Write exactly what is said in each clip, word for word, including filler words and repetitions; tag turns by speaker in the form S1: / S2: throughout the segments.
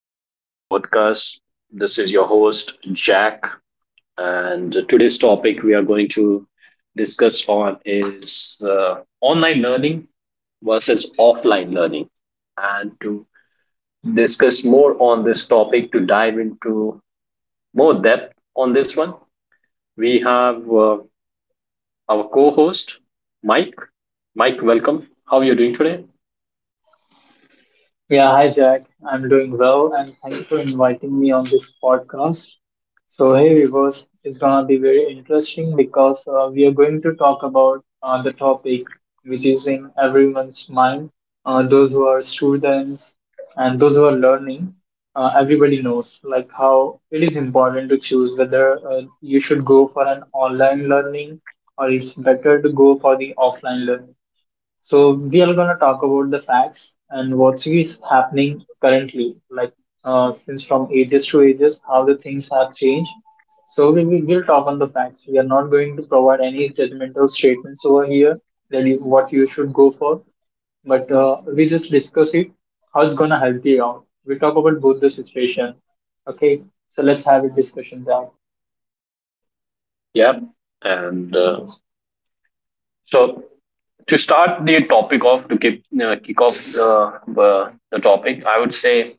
S1: today in our podcast. This is your host, Jack, and today's topic we are going to discuss on is uh, online learning versus offline learning. And to discuss more on this topic, to dive into more depth on this one, we have uh, our co-host, Mike. Mike, welcome. How are you doing today?
S2: Yeah, hi Jack. I'm doing well and thanks for inviting me on this podcast. So, hey viewers, it's gonna be very interesting because uh, we are going to talk about uh, the topic which is in everyone's mind. Uh, those who are students and those who are learning, uh, everybody knows like how it is important to choose whether uh, you should go for an online learning or it's better to go for the offline learning. So we are gonna talk about the facts and what's is happening currently, like uh, since from ages to ages, how the things have changed. So we we will we'll talk on the facts. We are not going to provide any judgmental statements over here that you, what you should go for, but uh, we just discuss it how it's gonna help you out. We talk about both the situation. Okay, so let's have a discussion.
S1: Yeah, and uh, so to start the topic off to keep, uh, kick off the, uh, the topic, I would say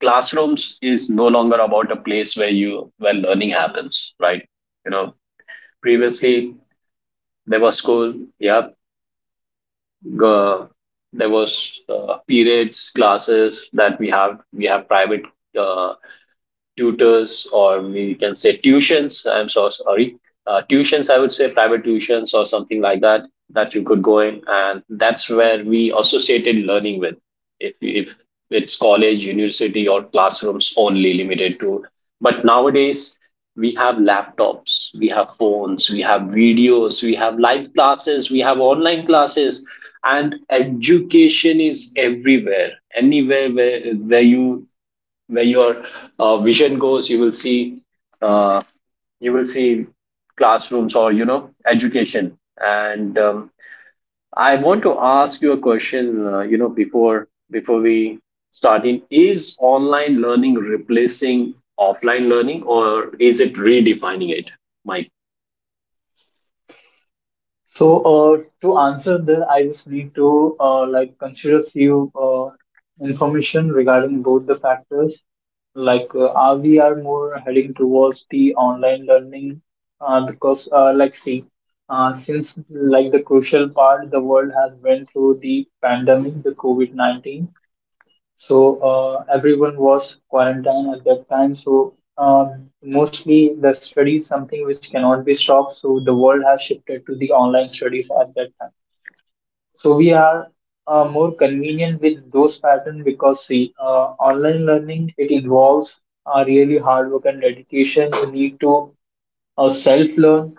S1: classrooms is no longer about a place where you where learning happens, right? You know, previously there was school. Yeah. uh, there was uh, periods classes that we have we have private uh, tutors, or we can say tuitions. I'm so sorry. Uh, tuitions, I would say, private tuitions or something like that, that you could go in. And that's where we associated learning with. If, if it's college, university, or classrooms only limited to. But nowadays, we have laptops, we have phones, we have videos, we have live classes, we have online classes, and education is everywhere. Anywhere where, where you where your uh, vision goes, you will see, uh, you will see classrooms, or you know, education. And um, I want to ask you a question. Uh, you know, before before we start in, is online learning replacing offline learning, or is it redefining it, Mike?
S2: So, uh, to answer that, I just need to uh, like consider few uh, information regarding both the factors. Like, uh, are we are more heading towards the online learning uh, because, uh, like, see, uh, since like the crucial part, the world has went through the pandemic, the COVID nineteen. So uh, everyone was quarantined at that time. So uh, mostly the study is something which cannot be stopped. So the world has shifted to the online studies at that time. So we are uh, more convenient with those patterns because see, uh, online learning it involves uh, really hard work and dedication. You need to uh, self learn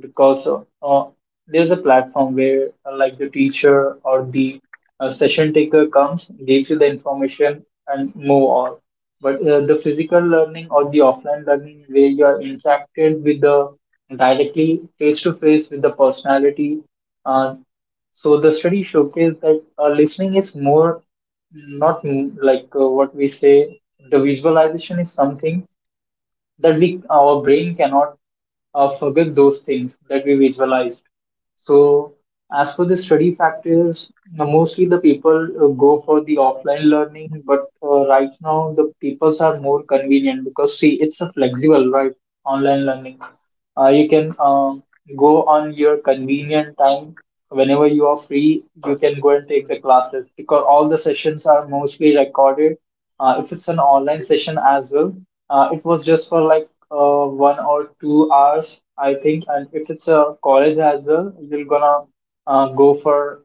S2: because uh, uh, there's a platform where uh, like the teacher or the uh, session taker comes, gives you the information and move on. But uh, the physical learning or the offline learning where you are interacted with the directly face to face with the personality. Uh, so the study showcased that uh, listening is more not mm, like uh, what we say. The visualization is something that we our brain cannot uh, forget those things that we visualized. So, as for the study factors, uh, mostly the people uh, go for the offline learning, but uh, right now the peoples are more convenient because see, it's a flexible, right? Online learning. Uh, you can um, go on your convenient time. Whenever you are free, you can go and take the classes because all the sessions are mostly recorded. Uh, if it's an online session as well, uh, it was just for like uh, one or two hours, I think. And if it's a college as well, you're gonna uh, go for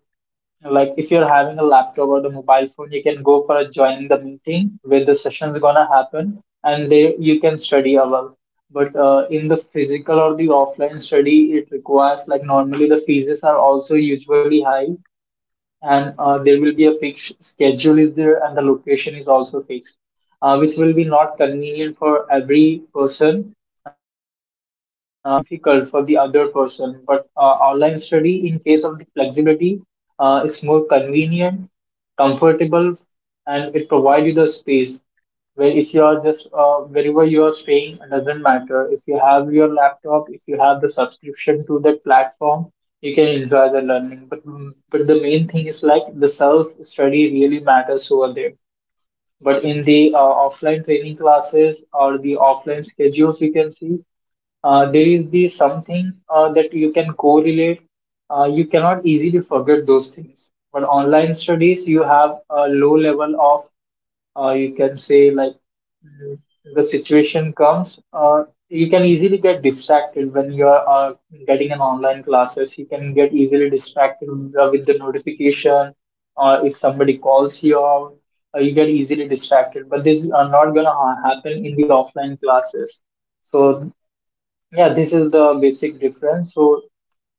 S2: like if you're having a laptop or the mobile phone, you can go for a joining the meeting where the session's gonna happen, and there you can study a lot. But uh, in the physical or the offline study, it requires like normally the fees are also usually high, and uh, there will be a fixed schedule is there, and the location is also fixed uh, which will be not convenient for every person. Uh, it, it might be difficult for the other person, but uh, online study, in case of the flexibility, uh, is more convenient, comfortable, and it provides you the space where if you are just uh, wherever you are staying, it doesn't matter if you have your laptop, if you have the subscription to that platform, you can enjoy the learning. But but the main thing is like the self study really matters over there. But in the uh, offline training classes or the offline schedules, you can see uh, there is the something uh, that you can correlate. Uh, you cannot easily forget those things. But online studies, you have a low level of uh, you can say like mm, the situation comes. Uh, you can easily get distracted when you are uh, getting an online classes. You can get easily distracted with the with the notification. Or if somebody calls you out, uh, you get easily distracted, but this are not going to ha- happen in the offline classes. So yeah, this is the basic difference. So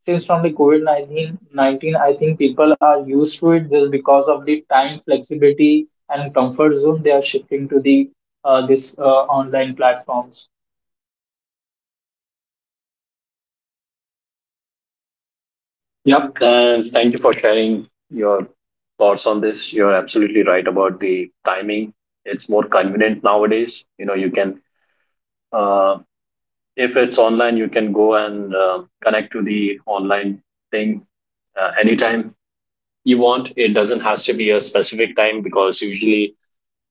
S2: since from the COVID nineteen, I think people are used to it just because of the time flexibility and comfort zone, they are shifting to the uh, this uh, online platforms.
S1: Yep, and thank you for sharing your thoughts on this. You're absolutely right about the timing. It's more convenient nowadays. You know, you can, uh, if it's online, you can go and uh, connect to the online thing uh, anytime you want. It doesn't has to be a specific time, because usually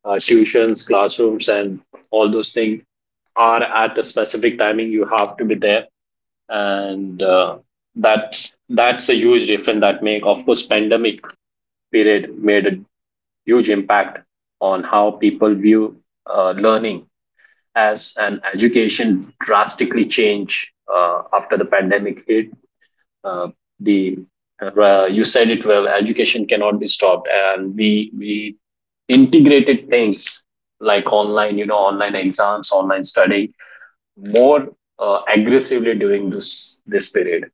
S1: uh, tuitions, classrooms, and all those things are at a specific timing. You have to be there, and uh, that's that's a huge difference that make. Of course, pandemic period made a huge impact on how people view uh, learning as an education drastically change uh, after the pandemic hit? Uh, the uh, You said it well. Education cannot be stopped, and we we integrated things like online, you know, online exams, online study more uh, aggressively during this this period.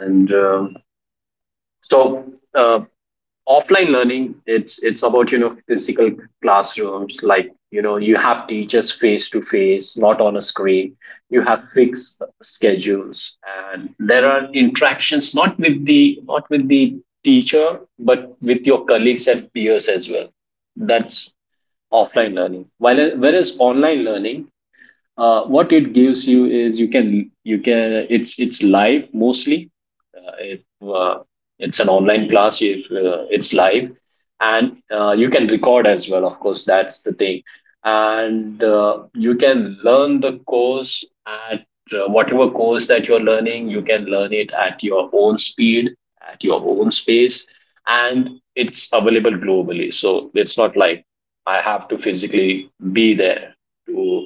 S1: And um so, uh, Offline learning, it's it's about, you know, physical classrooms. Like, you know, you have teachers face to face, not on a screen, you have fixed schedules, and there are interactions, not with the not with the teacher, but with your colleagues and peers as well. That's offline learning. While whereas online learning, uh, what it gives you is you can you can it's it's live mostly. Uh, if uh, it's an online class, if uh, it's live, and uh, you can record as well, of course. That's the thing. And uh, you can learn the course at, uh, whatever course that you're learning, you can learn it at your own speed, at your own space, and it's available globally. So it's not like I have to physically be there to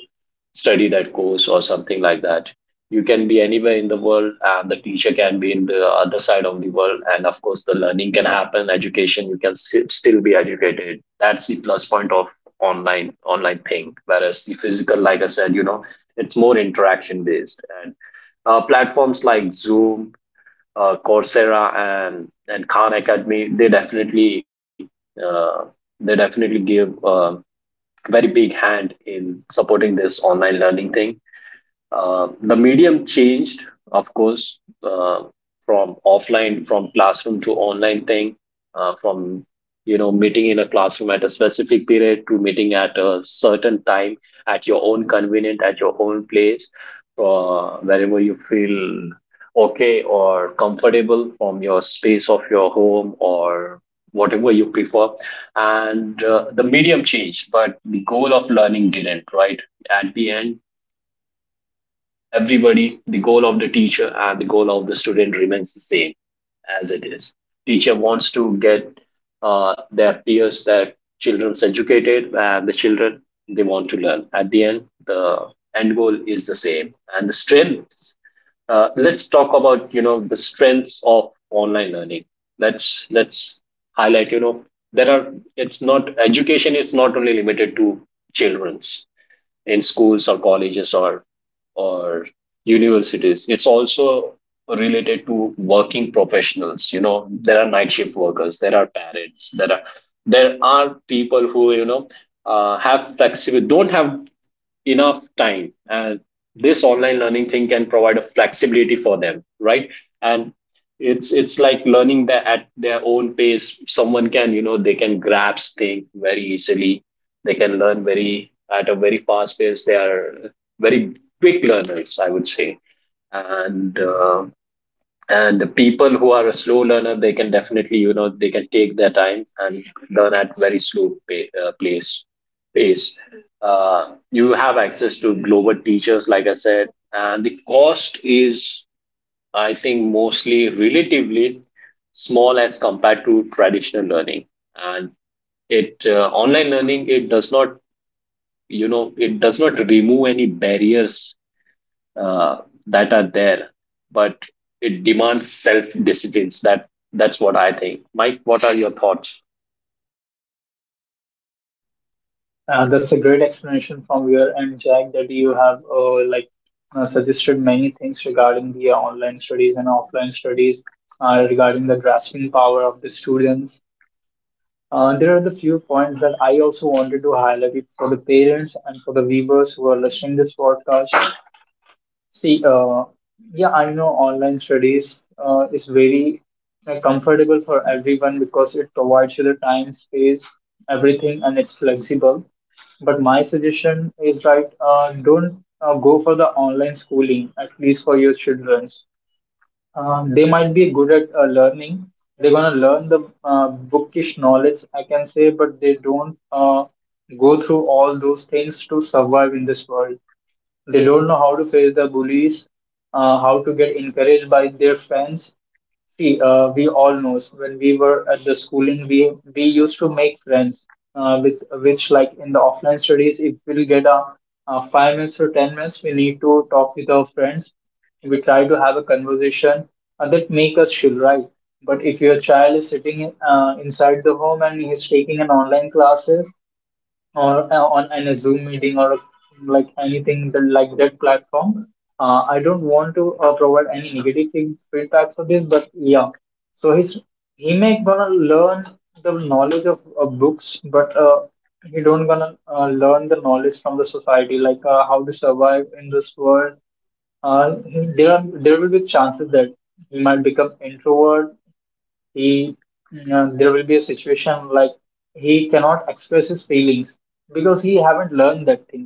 S1: study that course or something like that. You can be anywhere in the world, and the teacher can be in the other side of the world, and of course, the learning can happen. Education, you can sti- still be educated. That's the plus point of online online thing. Whereas the physical, like I said, you know, it's more interaction based, and uh, platforms like Zoom, uh, Coursera, and and Khan Academy, they definitely uh, they definitely give a very big hand in supporting this online learning thing. Uh, the medium changed, of course, uh, from offline, from classroom to online thing, uh, from, you know, meeting in a classroom at a specific period to meeting at a certain time at your own convenient, at your own place, uh, wherever you feel okay or comfortable, from your space of your home or whatever you prefer. And uh, the medium changed, but the goal of learning didn't, right? At the end, everybody, the goal of the teacher and the goal of the student remains the same as it is. Teacher wants to get uh, their peers, their children's educated, and the children, they want to learn. At the end, the end goal is the same. And the strengths. Uh, let's talk about, you know, the strengths of online learning. Let's let's highlight, you know, there are, it's not, education is not only limited to children's in schools or colleges or or universities. It's also related to working professionals. You know, there are night shift workers, there are parents, there are there are people who, you know, uh, have flexible, don't have enough time, and this online learning thing can provide a flexibility for them, right? And it's it's like learning that at their own pace. Someone can, you know, they can grasp things very easily, they can learn very at a very fast pace. They are very quick learners, I would say. And uh, and the people who are a slow learner, they can definitely, you know, they can take their time and learn at very slow pay, uh, place pace. Uh, you have access to global teachers, like I said, and the cost is, I think, mostly relatively small as compared to traditional learning. And it uh, online learning, it does not, you know, it does not remove any barriers uh, that are there, but it demands self disciplines. That that's what I think. Mike, what are your thoughts?
S2: Uh, that's a great explanation from your end, Jack, that you have uh, like uh, suggested many things regarding the uh, online studies and offline studies uh, regarding the grasping power of the students. Uh, there are the few points that I also wanted to highlight it for the parents and for the viewers who are listening this podcast. See, uh, yeah, I know online studies uh, is very uh, comfortable for everyone because it provides you the time, space, everything, and it's flexible. But my suggestion is right, uh, don't uh, go for the online schooling, at least for your children's. Um, they might be good at uh, learning. They're gonna learn the uh, bookish knowledge, I can say, but they don't uh, go through all those things to survive in this world. They don't know how to face the bullies, uh, how to get encouraged by their friends. See, uh, we all know when we were at the schooling, we we used to make friends uh, with which, like in the offline studies, if we'll get a, a five minutes or ten minutes, we need to talk with our friends. We try to have a conversation uh, that make us chill, right? But if your child is sitting uh, inside the home and he's taking an online classes, or uh, on in a Zoom meeting or like anything that, like that platform. Uh, I don't want to uh, provide any negative feed- feedback for this, but yeah. So he's he may gonna learn the knowledge of uh, books, but uh, he don't gonna uh, learn the knowledge from the society, like uh, how to survive in this world. Uh, he- there are there will be chances that he might become introvert. He uh, there will be a situation like he cannot express his feelings because he haven't learned that thing.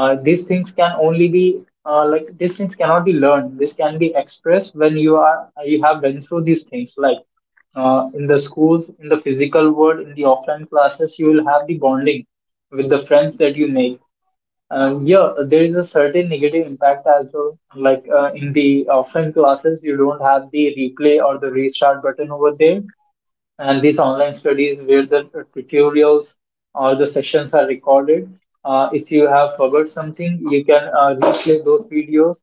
S2: uh, These things can only be uh, like these things cannot be learned. This can be expressed when you are you have been through these things, like uh, in the schools, in the physical world, in the offline classes, you will have the bonding with the friends that you make. Uh, yeah, there is a certain negative impact as well. Like uh, in the offline classes, you don't have the replay or the restart button over there. And these online studies where the tutorials or the sessions are recorded, uh, if you have forgot something, you can uh, replay those videos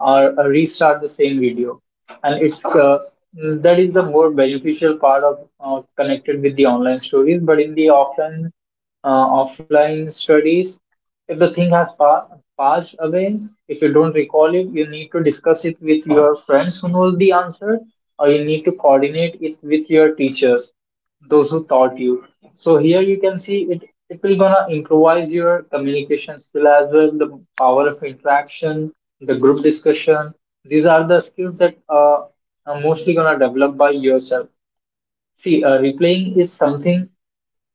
S2: or uh, restart the same video. And it's uh, that is the more beneficial part of uh, connected with the online studies. But in the offline uh, offline studies. If the thing has pa- passed away, if you don't recall it, you need to discuss it with your friends who know the answer, or you need to coordinate it with your teachers, those who taught you. So here you can see it. It will gonna improvise your communication skill as well, the power of interaction, the group discussion. These are the skills that uh, are mostly gonna develop by yourself. See, uh, replaying is something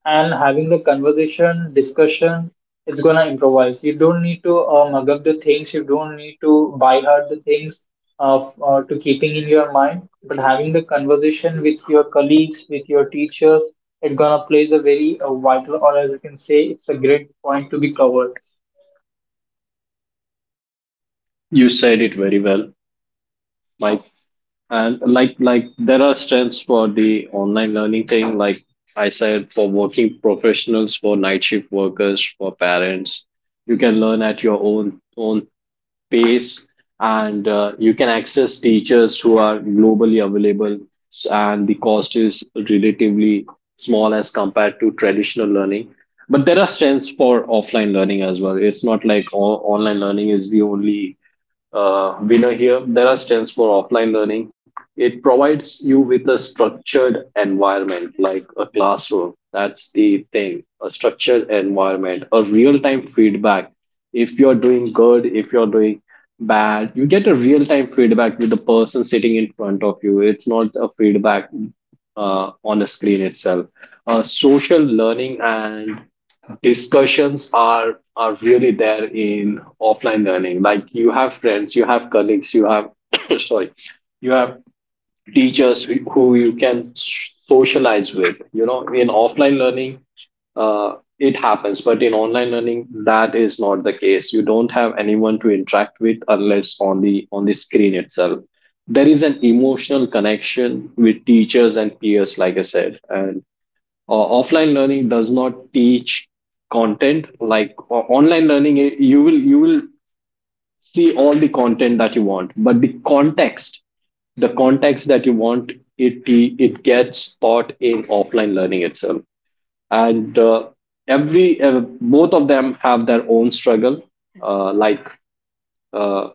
S2: and having the conversation, discussion, it's gonna improvise. You don't need to uh, mug up the things. You don't need to buy hard the things of uh, to keeping in your mind. But having the conversation with your colleagues, with your teachers, it's gonna plays a very uh, vital, or as you can say, it's a great point to be covered.
S1: You said it very well, Mike. And like like there are strengths for the online learning thing. Like I said, for working professionals, for night shift workers, for parents. You can learn at your own own pace, and uh, you can access teachers who are globally available, s- and the cost is relatively small as compared to traditional learning. But there are strengths for offline learning as well. It's not like all online learning is the only uh, winner here. There are stands for offline learning. It provides you with a structured environment like a classroom. That's the thing, a structured environment, a real time feedback. If you're doing good, if you're doing bad, you get a real time feedback with the person sitting in front of you. It's not a feedback uh, on the screen itself. Uh, social learning and discussions are are really there in offline learning. Like, you have friends, you have colleagues, you have sorry, you have teachers who who you can socialize with, you know, in offline learning. Uh, it happens, but in online learning that is not the case. You don't have anyone to interact with, unless on the on the screen itself. There is an emotional connection with teachers and peers, like I said. And uh, offline learning does not teach content like o- online learning. Eh, you will, you will see all the content that you want, but the context, the context that you want, it te- it gets taught in offline learning itself. And uh, every uh, both of them have their own struggle. uh, like uh,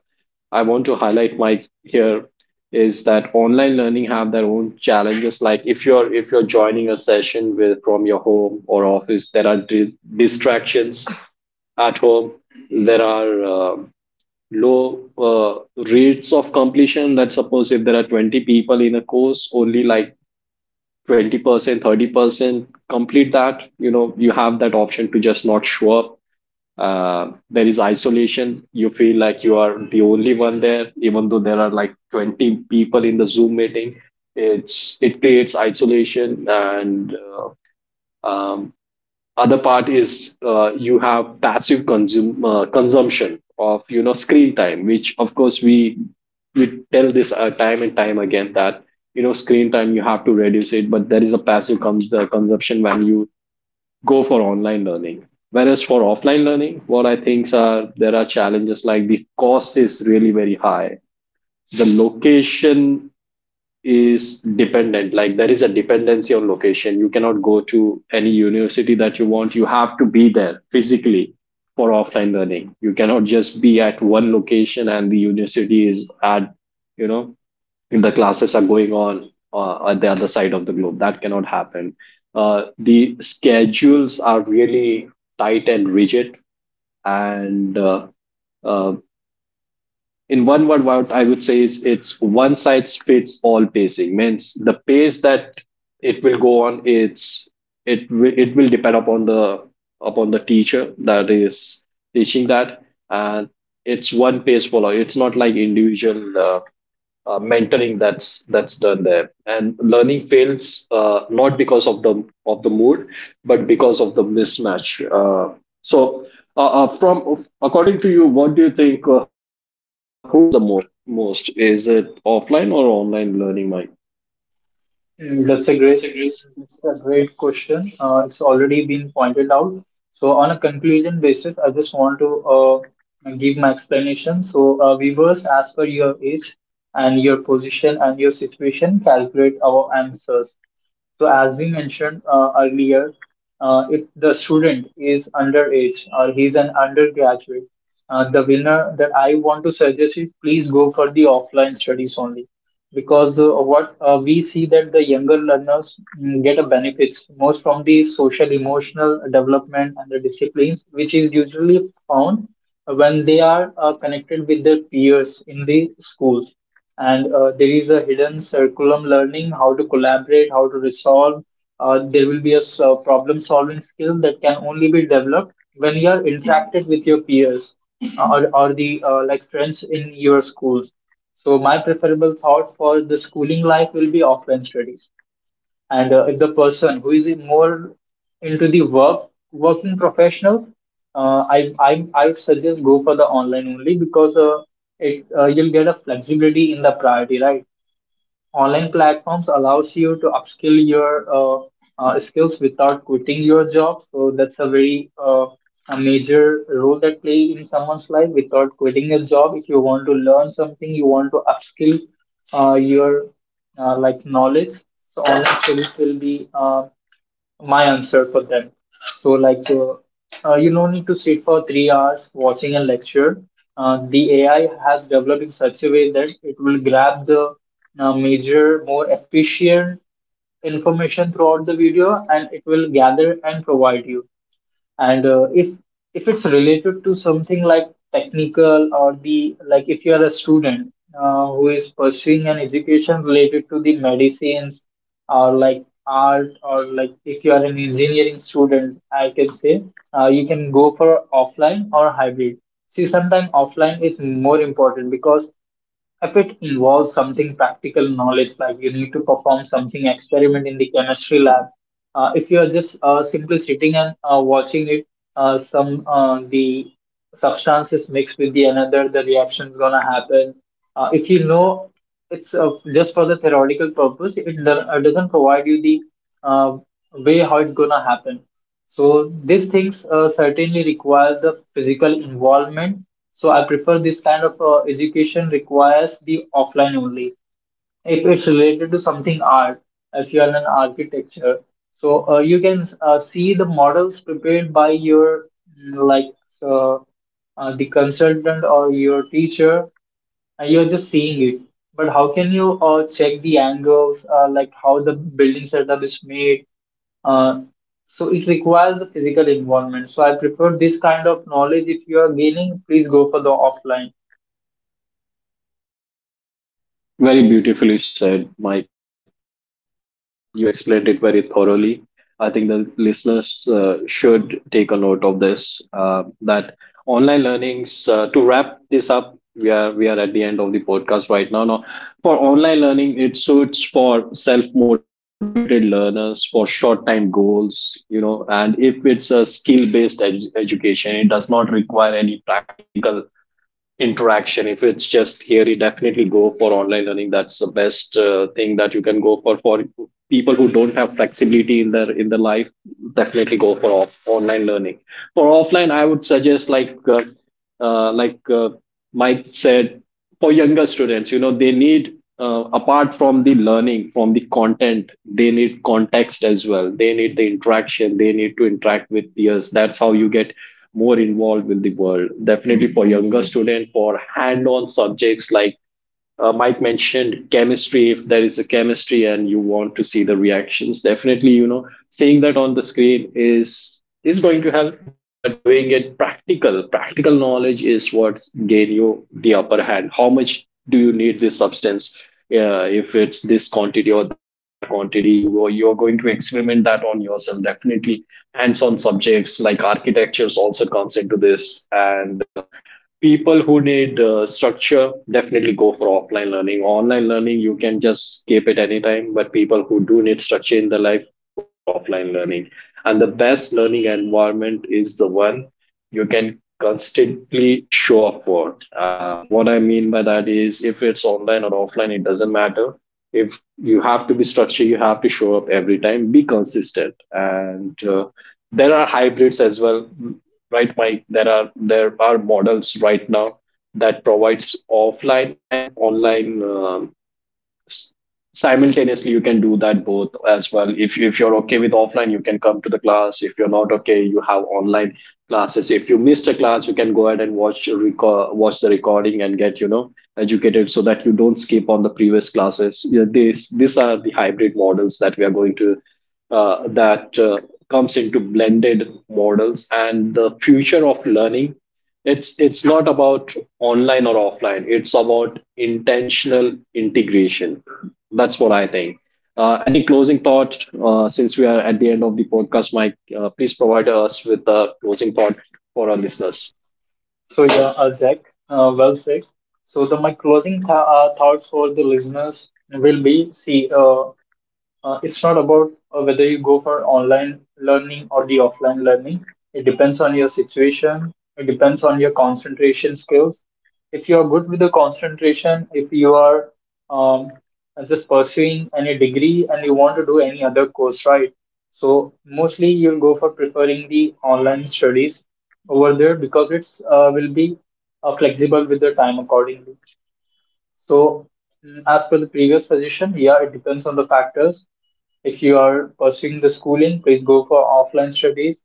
S1: I want to highlight my here is that online learning have their own challenges. Like, if you're if you're joining a session with from your home or office, there are di- distractions at home. There are um low uh, rates of completion. Let's suppose if there are twenty people in a course, only like twenty percent, thirty percent complete that. You know, you have that option to just not show up. Uh, there is isolation. You feel like you are the only one there, even though there are like twenty people in the Zoom meeting. It's, it creates isolation. And uh, um, other part is, uh, you have passive consume uh, consumption of, you know, screen time, which of course we we tell this uh, time and time again, that, you know, screen time you have to reduce it. But there is a passive cons- uh, consumption when you go for online learning. Whereas for offline learning, what I think are there are challenges. Like, the cost is really very high. The location is dependent. Like, there is a dependency on location. You cannot go to any university that you want. You have to be there physically for offline learning. You cannot just be at one location and the university is at, you know, the classes are going on uh, at the other side of the globe. That cannot happen. Uh, the schedules are really tight and rigid. And uh, uh, in one word, what I would say is, it's one size fits all pacing. Means the pace that it will go on, it's, it will it will depend upon the upon the teacher that is teaching that, and it's one pace follow. It's not like individual uh, uh, mentoring that's that's done there, and learning fails uh, not because of the of the mood but because of the mismatch. Uh, so uh, uh, from, according to you, what do you think, uh, who benefits the most most is it offline or online learning, Mike?
S2: Mm,
S1: That's a
S2: That's a
S1: great.
S2: great, that's a great question. Uh, it's already been pointed out. So on a conclusion basis, I just want to uh, give my explanation. So uh, viewers, as per your age and your position and your situation, calculate our answers. So as we mentioned uh, earlier, uh, if the student is underage or he's an undergraduate, uh, the winner that I want to suggest is please go for the offline studies only because uh, what uh, we see that the younger learners mm, get a benefits most from the social emotional development and the disciplines which is usually found when they are uh, connected with their peers in the schools. And uh, there is a hidden curriculum learning how to collaborate, how to resolve. Uh, there will be a s- uh, problem solving skill that can only be developed when you are interacted with your peers, uh, or, or the uh, like friends in your schools. So my preferable thought for the schooling life will be offline studies. And uh, if the person who is more into the work working professional, uh, I, I I would suggest go for the online only because uh, it uh, you'll get a flexibility in the priority, right? Online platforms allows you to upskill your uh, uh, skills without quitting your job. So that's a very uh, a major role that play in someone's life without quitting a job. If you want to learn something, you want to upskill uh, your uh, like knowledge. So online skills will be uh, my answer for them. So, like, uh, uh, you no need to sit for three hours watching a lecture. Uh, the A I has developed in such a way that it will grab the uh, major, more efficient information throughout the video, and it will gather and provide you. And uh, if if it's related to something like technical, or the like if you are a student uh, who is pursuing an education related to the medicines, or like art, or like if you are an engineering student, I can say uh, you can go for offline or hybrid. See, sometimes offline is more important because if it involves something practical knowledge, like you need to perform something experiment in the chemistry lab. Uh, if you are just uh, simply sitting and uh, watching it, uh, some uh, the substance is mixed with the another, the reaction is gonna happen. Uh, if you know, it's uh, just for the theoretical purpose, it, do- uh, doesn't provide you the uh, way how it's gonna happen. So these things uh, certainly require the physical involvement. So I prefer this kind of uh, education requires the offline only. If it's related to something art, if you are an architecture, so uh, you can uh, see the models prepared by your mm, like uh, uh, the consultant or your teacher, and you're just seeing it. But how can you uh, check the angles, uh, like how the building setup is made? Uh, so it requires the physical involvement. So I prefer this kind of knowledge. If you are gaining, please go for the offline.
S1: Very beautifully said, Mike. You explained it very thoroughly. I think the listeners uh, should take a note of this. Uh, that online learnings. Uh, to wrap this up, we are we are at the end of the podcast right now. Now, for online learning, it suits for self motivated learners for short time goals. You know, and if it's a skill based ed- education, it does not require any practical interaction. If it's just theory, definitely go for online learning. That's the best uh, thing that you can go for. For people who don't have flexibility in their in their life, definitely go for off, online learning. For offline, I would suggest, like, uh, uh, like uh, Mike said, for younger students, you know, they need, uh, apart from the learning from the content, they need context as well. They need the interaction. They need to interact with peers. That's how you get more involved with the world. Definitely for younger student, for hand-on subjects, like uh, Mike mentioned, chemistry. If there is a chemistry and you want to see the reactions, definitely, you know, seeing that on the screen is is going to help. But doing it practical, practical knowledge is what gain you the upper hand. How much do you need this substance? Uh, if it's this quantity or that quantity, you you're going to experiment that on yourself. Definitely, hands-on subjects like architectures also comes into this, and uh, people who need, uh, structure, definitely go for offline learning. Online learning you can just skip it anytime, but people who do need structure in their life, go for offline learning. And the best learning environment is the one you can constantly show up for. Uh, what I mean by that is, if it's online or offline, it doesn't matter. If you have to be structured, you have to show up every time, be consistent. And uh, there are hybrids as well, right, Mike? There are there are models right now that provides offline and online uh, s- simultaneously. You can do that both as well. if if you're okay with offline, you can come to the class. If you're not okay, you have online classes. If you missed a class, you can go ahead and watch record, watch the recording, and get, you know, educated, so that you don't skip on the previous classes. Yeah, these these are the hybrid models that we are going to, uh, that uh, comes into blended models. And the future of learning, it's it's not about online or offline. It's about intentional integration. That's what I think. Uh, any closing thought, uh, since we are at the end of the podcast, Mike? Uh, please provide us with a closing thought for our listeners.
S2: So yeah, uh, Jack, uh, well said. So the my closing th- uh, thoughts for the listeners will be, see. Uh, Uh, it's not about uh, whether you go for online learning or the offline learning. It depends on your situation. It depends on your concentration skills. If you are good with the concentration, if you are um, just pursuing any degree and you want to do any other course, right? So mostly you'll go for preferring the online studies over there because it's uh, will be uh, flexible with the time accordingly. So mm, as per the previous suggestion, yeah, it depends on the factors. If you are pursuing the schooling, please go for offline studies.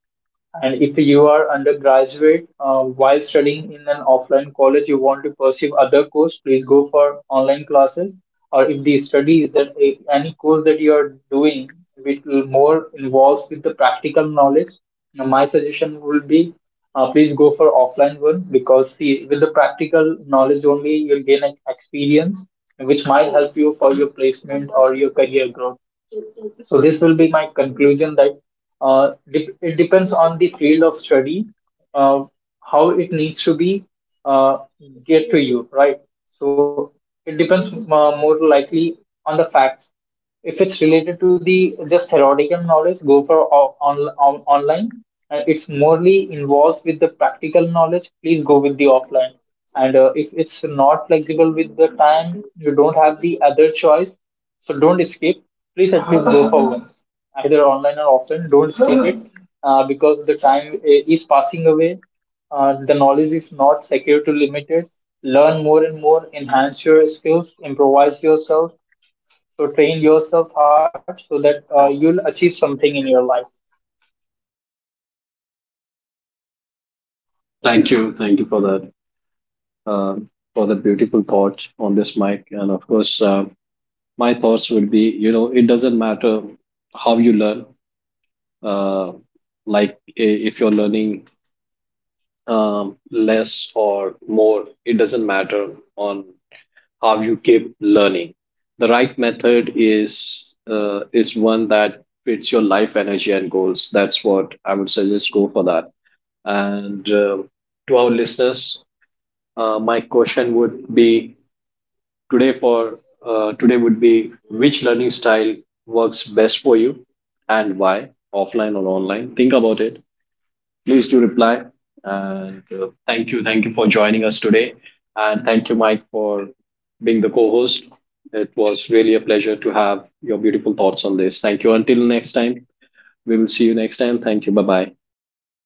S2: And if you are undergraduate uh, while studying in an offline college, you want to pursue other course, please go for online classes. Or if the study is that, if any course that you are doing which will more involves with the practical knowledge, now my suggestion will be, uh, please go for offline one because, see, with the practical knowledge only, you'll gain an experience which might help you for your placement or your career growth. So this will be my conclusion that uh, dep it depends on the field of study, uh, how it needs to be uh, get to you, right? So it depends uh, more likely on the facts. If it's related to the just theoretical knowledge, go for o- on, on, online. And it's morely involved with the practical knowledge, please go with the offline. And uh, if it's not flexible with the time, you don't have the other choice, so don't escape. Please help me go for once, either online or offline. Don't escape it uh, because the time i- is passing away. Uh, the knowledge is not secure to limited. Learn more and more, enhance your skills, improvise yourself. So train yourself hard so that uh, you'll achieve something in your life.
S1: Thank you. Thank you for that. Uh, for the beautiful thought on this, Mike. And of course, uh, my thoughts would be, you know, it doesn't matter how you learn. Uh, like i- if you're learning um, less or more, it doesn't matter on how you keep learning. The right method is uh, is one that fits your life energy and goals. That's what I would suggest. Go for that. And uh, to our listeners, uh, my question would be today for uh, today would be, which learning style works best for you and why? Offline or online? Think about it. Please do reply. And uh, thank you, thank you for joining us today, and thank you, Mike, for being the co-host. It was really a pleasure to have your beautiful thoughts on this. Thank you. Until next time, we will see you next time. Thank you. Bye bye.